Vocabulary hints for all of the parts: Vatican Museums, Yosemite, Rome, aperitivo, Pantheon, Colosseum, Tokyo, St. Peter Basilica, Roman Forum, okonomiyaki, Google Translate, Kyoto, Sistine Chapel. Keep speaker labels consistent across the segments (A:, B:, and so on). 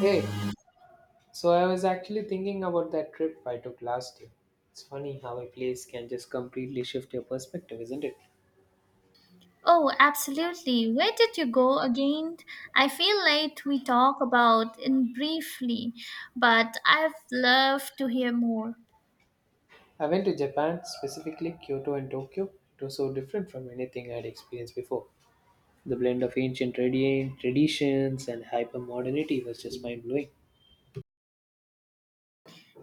A: Hey, so I was actually thinking about that trip I took last year. It's funny how a place can just completely shift your perspective, isn't it?
B: Oh, absolutely. Where did you go again? I feel late we talk about in briefly, but I've loved to hear more.
A: I went to Japan, specifically Kyoto and Tokyo. It was so different from anything I'd experienced before. The blend of ancient traditions and hypermodernity was just mind blowing.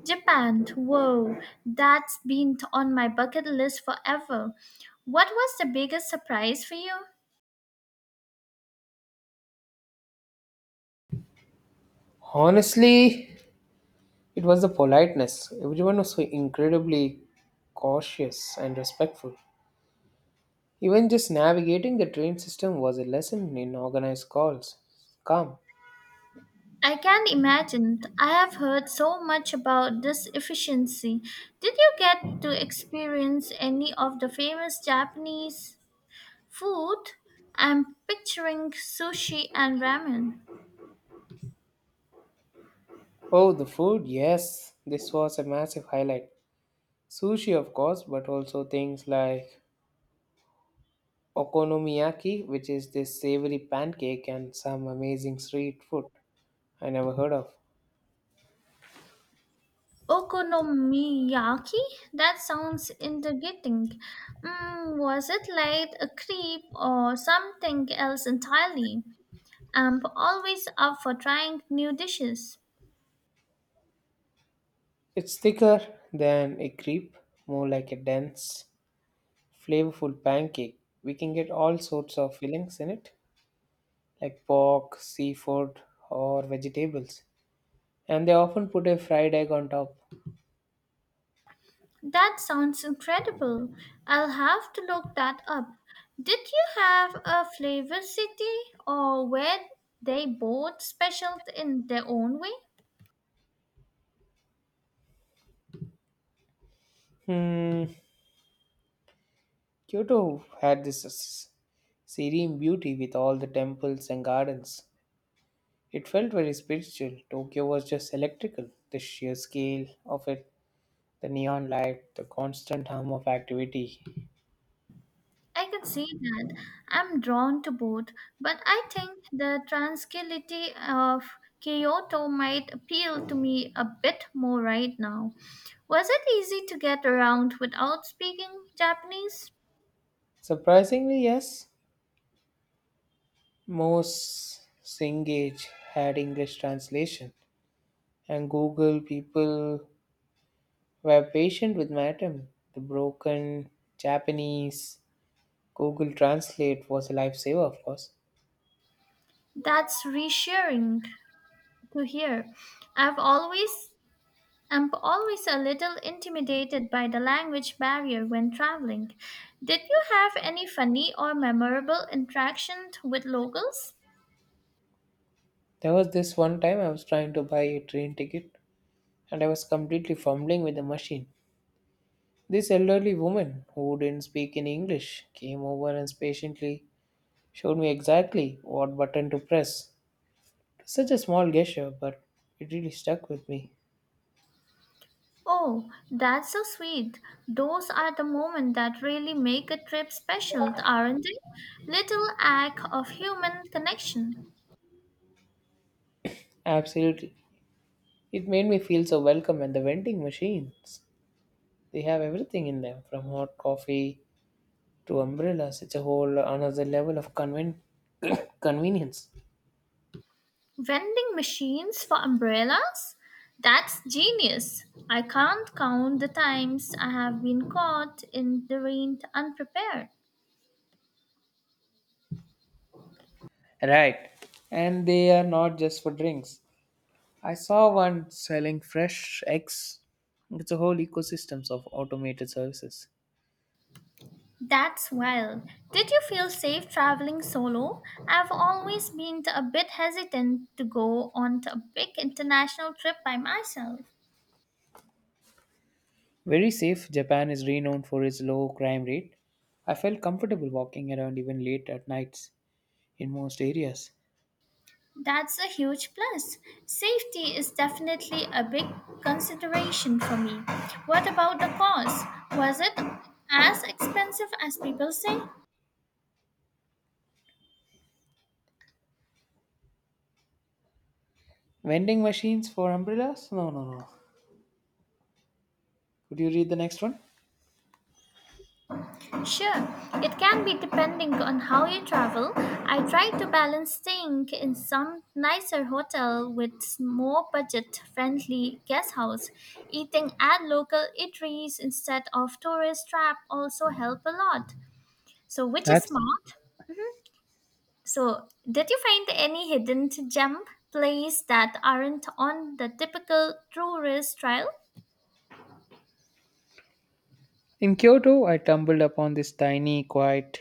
B: Japan, whoa, that's been on my bucket list forever. What was the biggest surprise for you?
A: Honestly, it was the politeness. Everyone was so incredibly cautious and respectful. Even just navigating the train system was a lesson in organized calls. Calm.
B: I can't imagine. I have heard so much about this efficiency. Did you get to experience any of the famous Japanese food? I'm picturing sushi and ramen.
A: Oh, the food, yes. This was a massive highlight. Sushi, of course, but also things like okonomiyaki, which is this savory pancake, and some amazing street food I never heard of.
B: Okonomiyaki? That sounds intriguing. Was it like a creep or something else entirely? I'm always up for trying new dishes.
A: It's thicker than a crepe, more like a dense, flavorful pancake. We can get all sorts of fillings in it, like pork, seafood, or vegetables. And they often put a fried egg on top.
B: That sounds incredible. I'll have to look that up. Did you have a flavor city or were they both special in their own way?
A: Hmm, Kyoto had this serene beauty with all the temples and gardens. It felt very spiritual. Tokyo was just electrical. The sheer scale of it, the neon light, the constant hum of activity.
B: I can see that. I'm drawn to both, but I think the tranquility of Kyoto might appeal to me a bit more right now. Was it easy to get around without speaking Japanese?
A: Surprisingly, yes, most Singage had English translation, and Google people were patient with my attempt. The broken Japanese Google Translate was a lifesaver, of course.
B: That's reassuring to hear. I've always I'm always a little intimidated by the language barrier when traveling. Did you have any funny or memorable interactions with locals?
A: There was this one time I was trying to buy a train ticket and I was completely fumbling with the machine. This elderly woman who didn't speak in English came over and patiently showed me exactly what button to press. Such a small gesture, but it really stuck with me.
B: Oh, that's so sweet. Those are the moments that really make a trip special, aren't they? Little act of human connection.
A: Absolutely. It made me feel so welcome at the vending machines. They have everything in them from hot coffee to umbrellas. It's a whole another level of convenience.
B: Vending machines for umbrellas? That's genius. I can't count the times I have been caught in the rain unprepared.
A: Right. And they are not just for drinks. I saw one selling fresh eggs. It's a whole ecosystems of automated services.
B: That's wild. Did you feel safe traveling solo? I've always been a bit hesitant to go on a big international trip by myself.
A: Very safe. Japan is renowned for its low crime rate. I felt comfortable walking around even late at nights in most areas.
B: That's a huge plus. Safety is definitely a big consideration for me. What about the cost? Was it as expensive as people say?
A: Vending machines for umbrellas? No, no, no. Could you read the next one?
B: Sure, it can be depending on how you travel. I try to balance staying in some nicer hotel with more budget friendly guest house. Eating at local eateries instead of tourist trap also help a lot. So which is
A: That's
B: smart? So, did you find any hidden gem plays that aren't on the typical tourist trail?
A: in Kyoto. I stumbled upon this tiny, quiet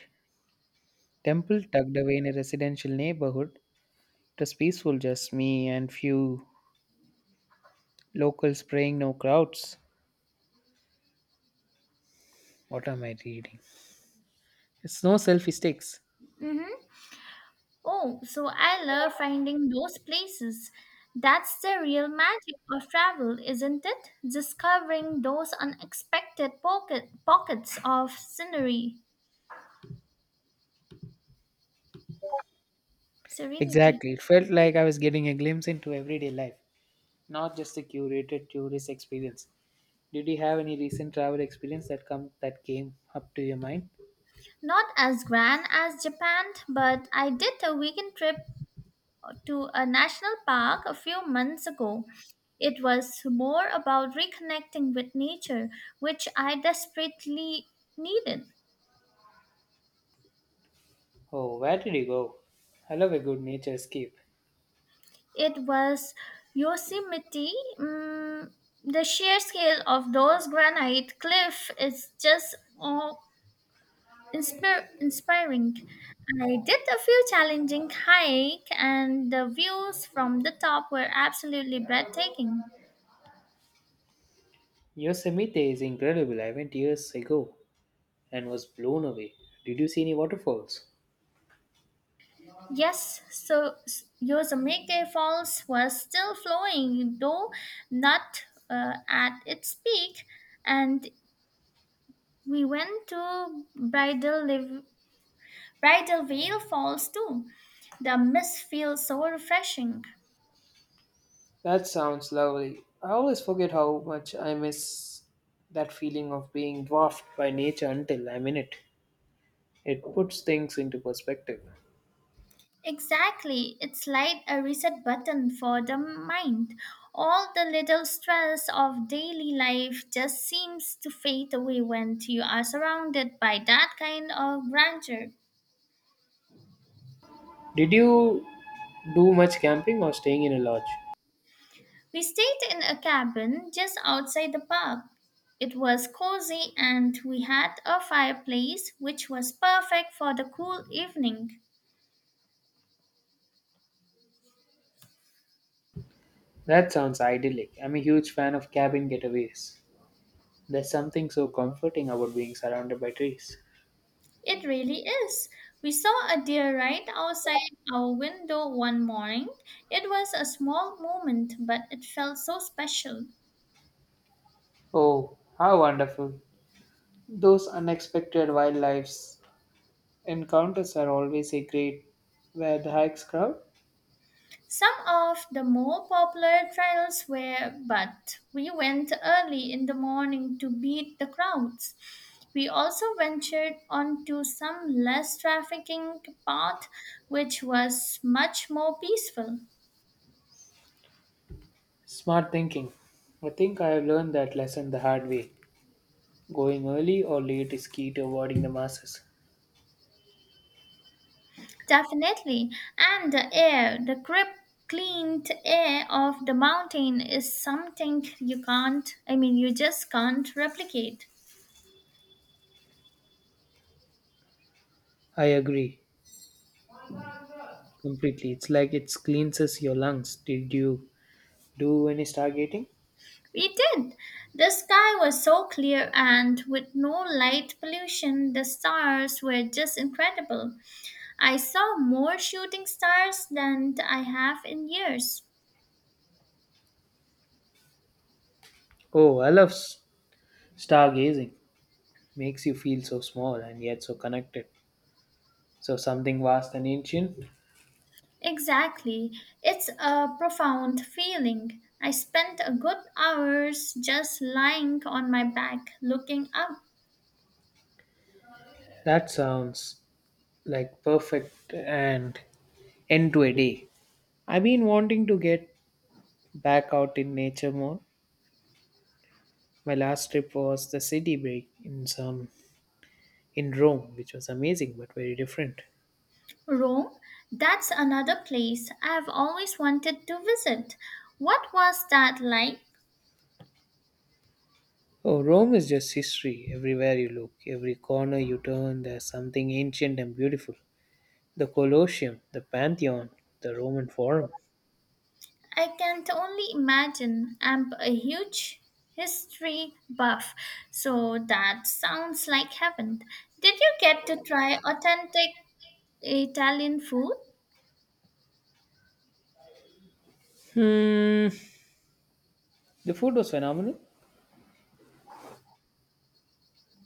A: temple tucked away in a residential neighborhood. It was peaceful, just me and few Locals praying, no crowds. What am I reading? It's no selfie sticks.
B: Mm-hmm. Oh, so I love finding those places. That's the real magic of travel, isn't it? Discovering those unexpected pockets of scenery, serenity.
A: Exactly. It felt like I was getting a glimpse into everyday life, not just a curated tourist experience. Did you have any recent travel experience that came up to your mind?
B: Not as grand as Japan, but I did a weekend trip to a national park a few months ago. It was more about reconnecting with nature, which I desperately needed.
A: Oh, where did you go? I love a good nature escape.
B: It was Yosemite. Mm, the sheer scale of those granite cliff is just oh, inspiring. I did a few challenging hike, and the views from the top were absolutely breathtaking.
A: Yosemite is incredible. I went years ago and was blown away. Did you see any waterfalls?
B: Yes, Yosemite Falls was still flowing, though not at its peak, and we went to Bridal Veil Falls too. The mist feels so refreshing.
A: That sounds lovely. I always forget how much I miss that feeling of being dwarfed by nature until I'm in it. It puts things into perspective.
B: Exactly, it's like a reset button for the mind. All the little stress of daily life just seems to fade away when you are surrounded by that kind of grandeur.
A: Did you do much camping or staying in a lodge?
B: We stayed in a cabin just outside the park. It was cozy and we had a fireplace which was perfect for the cool evening.
A: That sounds idyllic. I'm a huge fan of cabin getaways. There's something so comforting about being surrounded by trees.
B: It really is. We saw a deer right outside our window one morning. It was a small moment, but it felt so special.
A: Oh, how wonderful. Those unexpected wildlife encounters are always a great where the hikes crowd.
B: Some of the more popular trails were, but we went early in the morning to beat the crowds. We also ventured onto some less trafficking path, which was much more peaceful.
A: Smart thinking. I think I have learned that lesson the hard way. Going early or late is key to avoiding the masses.
B: Definitely. And the air, the crisp, clean air of the mountain is something you can't, I mean, you just can't replicate.
A: I agree completely. It's like it cleanses your lungs. Did you do any stargating?
B: We did. The sky was so clear, and with no light pollution, the stars were just incredible. I saw more shooting stars than I have in years.
A: Oh, I love stargazing. Makes you feel so small and yet so connected. So something vast and ancient.
B: Exactly. It's a profound feeling. I spent a good hours just lying on my back looking up.
A: That sounds like perfect and end to a day. I've been wanting to get back out in nature more. My last trip was the city break in Rome, which was amazing but very different.
B: Rome, that's another place I've always wanted to visit. What was that like?
A: Oh, Rome is just history. Everywhere you look, every corner you turn, there's something ancient and beautiful. The Colosseum, the Pantheon, the Roman Forum.
B: I can only imagine. I'm a huge history buff, so that sounds like heaven. Did you get to try authentic Italian food?
A: Hmm. The food was phenomenal.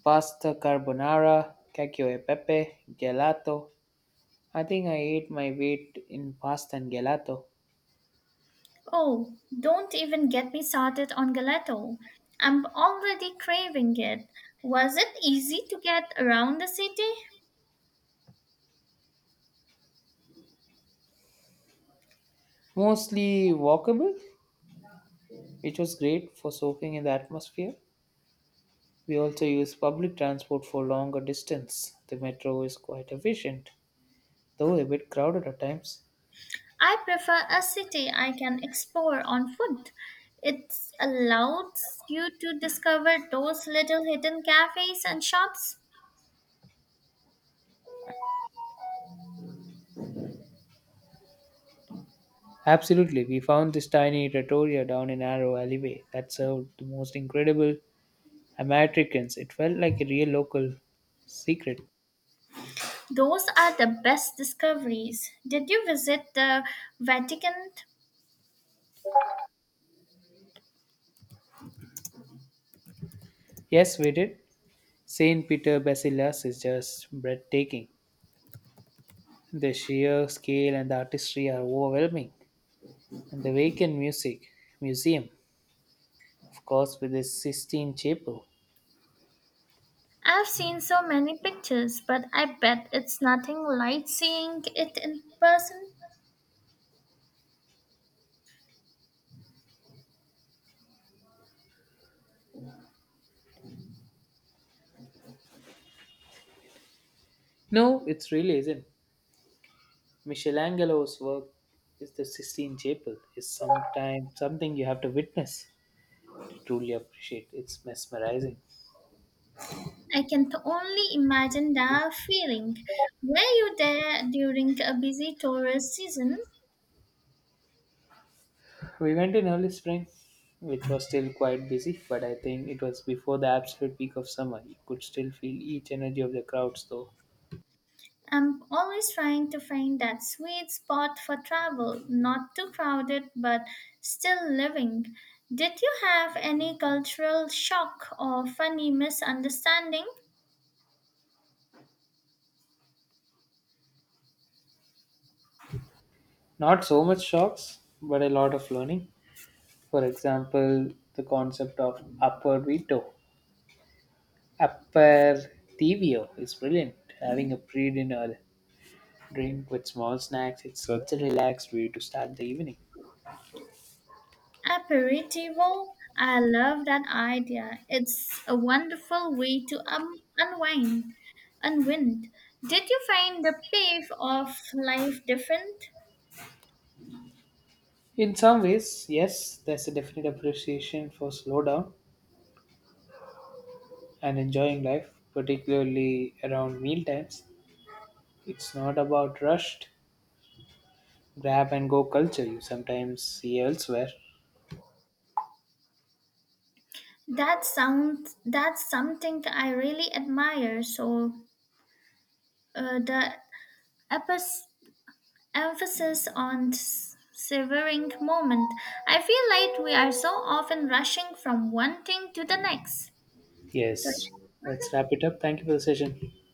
A: Pasta carbonara, cacio e pepe, gelato. I think I ate my weight in pasta and gelato.
B: Oh, don't even get me started on gelato. I'm already craving it. Was it easy to get around the city?
A: Mostly walkable, which was great for soaking in the atmosphere. We also use public transport for longer distance. The metro is quite efficient, though a bit crowded at times.
B: I prefer a city I can explore on foot. It allows you to discover those little hidden cafes and shops.
A: Absolutely, we found this tiny trattoria down a narrow alleyway that served the most incredible Americans. It felt like a real local secret.
B: Those are the best discoveries. Did you visit the Vatican?
A: Yes, we did. St. Peter Basilas is just breathtaking. The sheer scale and the artistry are overwhelming. And the Vatican Music Museum, of course, with the Sistine Chapel.
B: I've seen so many pictures, but I bet it's nothing like seeing it in person.
A: No, it really isn't. Michelangelo's work is the Sistine Chapel is sometimes something you have to witness to truly appreciate. It's mesmerizing.
B: I can only imagine the feeling. Were you there during a busy tourist season?
A: We went in early spring, which was still quite busy, but I think it was before the absolute peak of summer. You could still feel each energy of the crowds though.
B: I'm always trying to find that sweet spot for travel, not too crowded but still living. Did you have any cultural shock or funny misunderstanding?
A: Not so much shocks, but a lot of learning. For example, the concept of upper TVO is brilliant. Having a pre-dinner drink with small snacks. It's such a relaxed way to start the evening.
B: Aperitivo, I love that idea. It's a wonderful way to unwind. Unwind. Did you find the pace of life different?
A: In some ways, yes, there's a definite appreciation for slow down and enjoying life, particularly around meal times. It's not about rushed grab and go culture you sometimes see elsewhere.
B: That sounds that's something I really admire. So uh, the epis- emphasis on severing moment. I feel like we are so often rushing from one thing to the next. So
A: Yes,
B: yeah.
A: let's
B: Hmm?
A: wrap it up. Thank you for the session.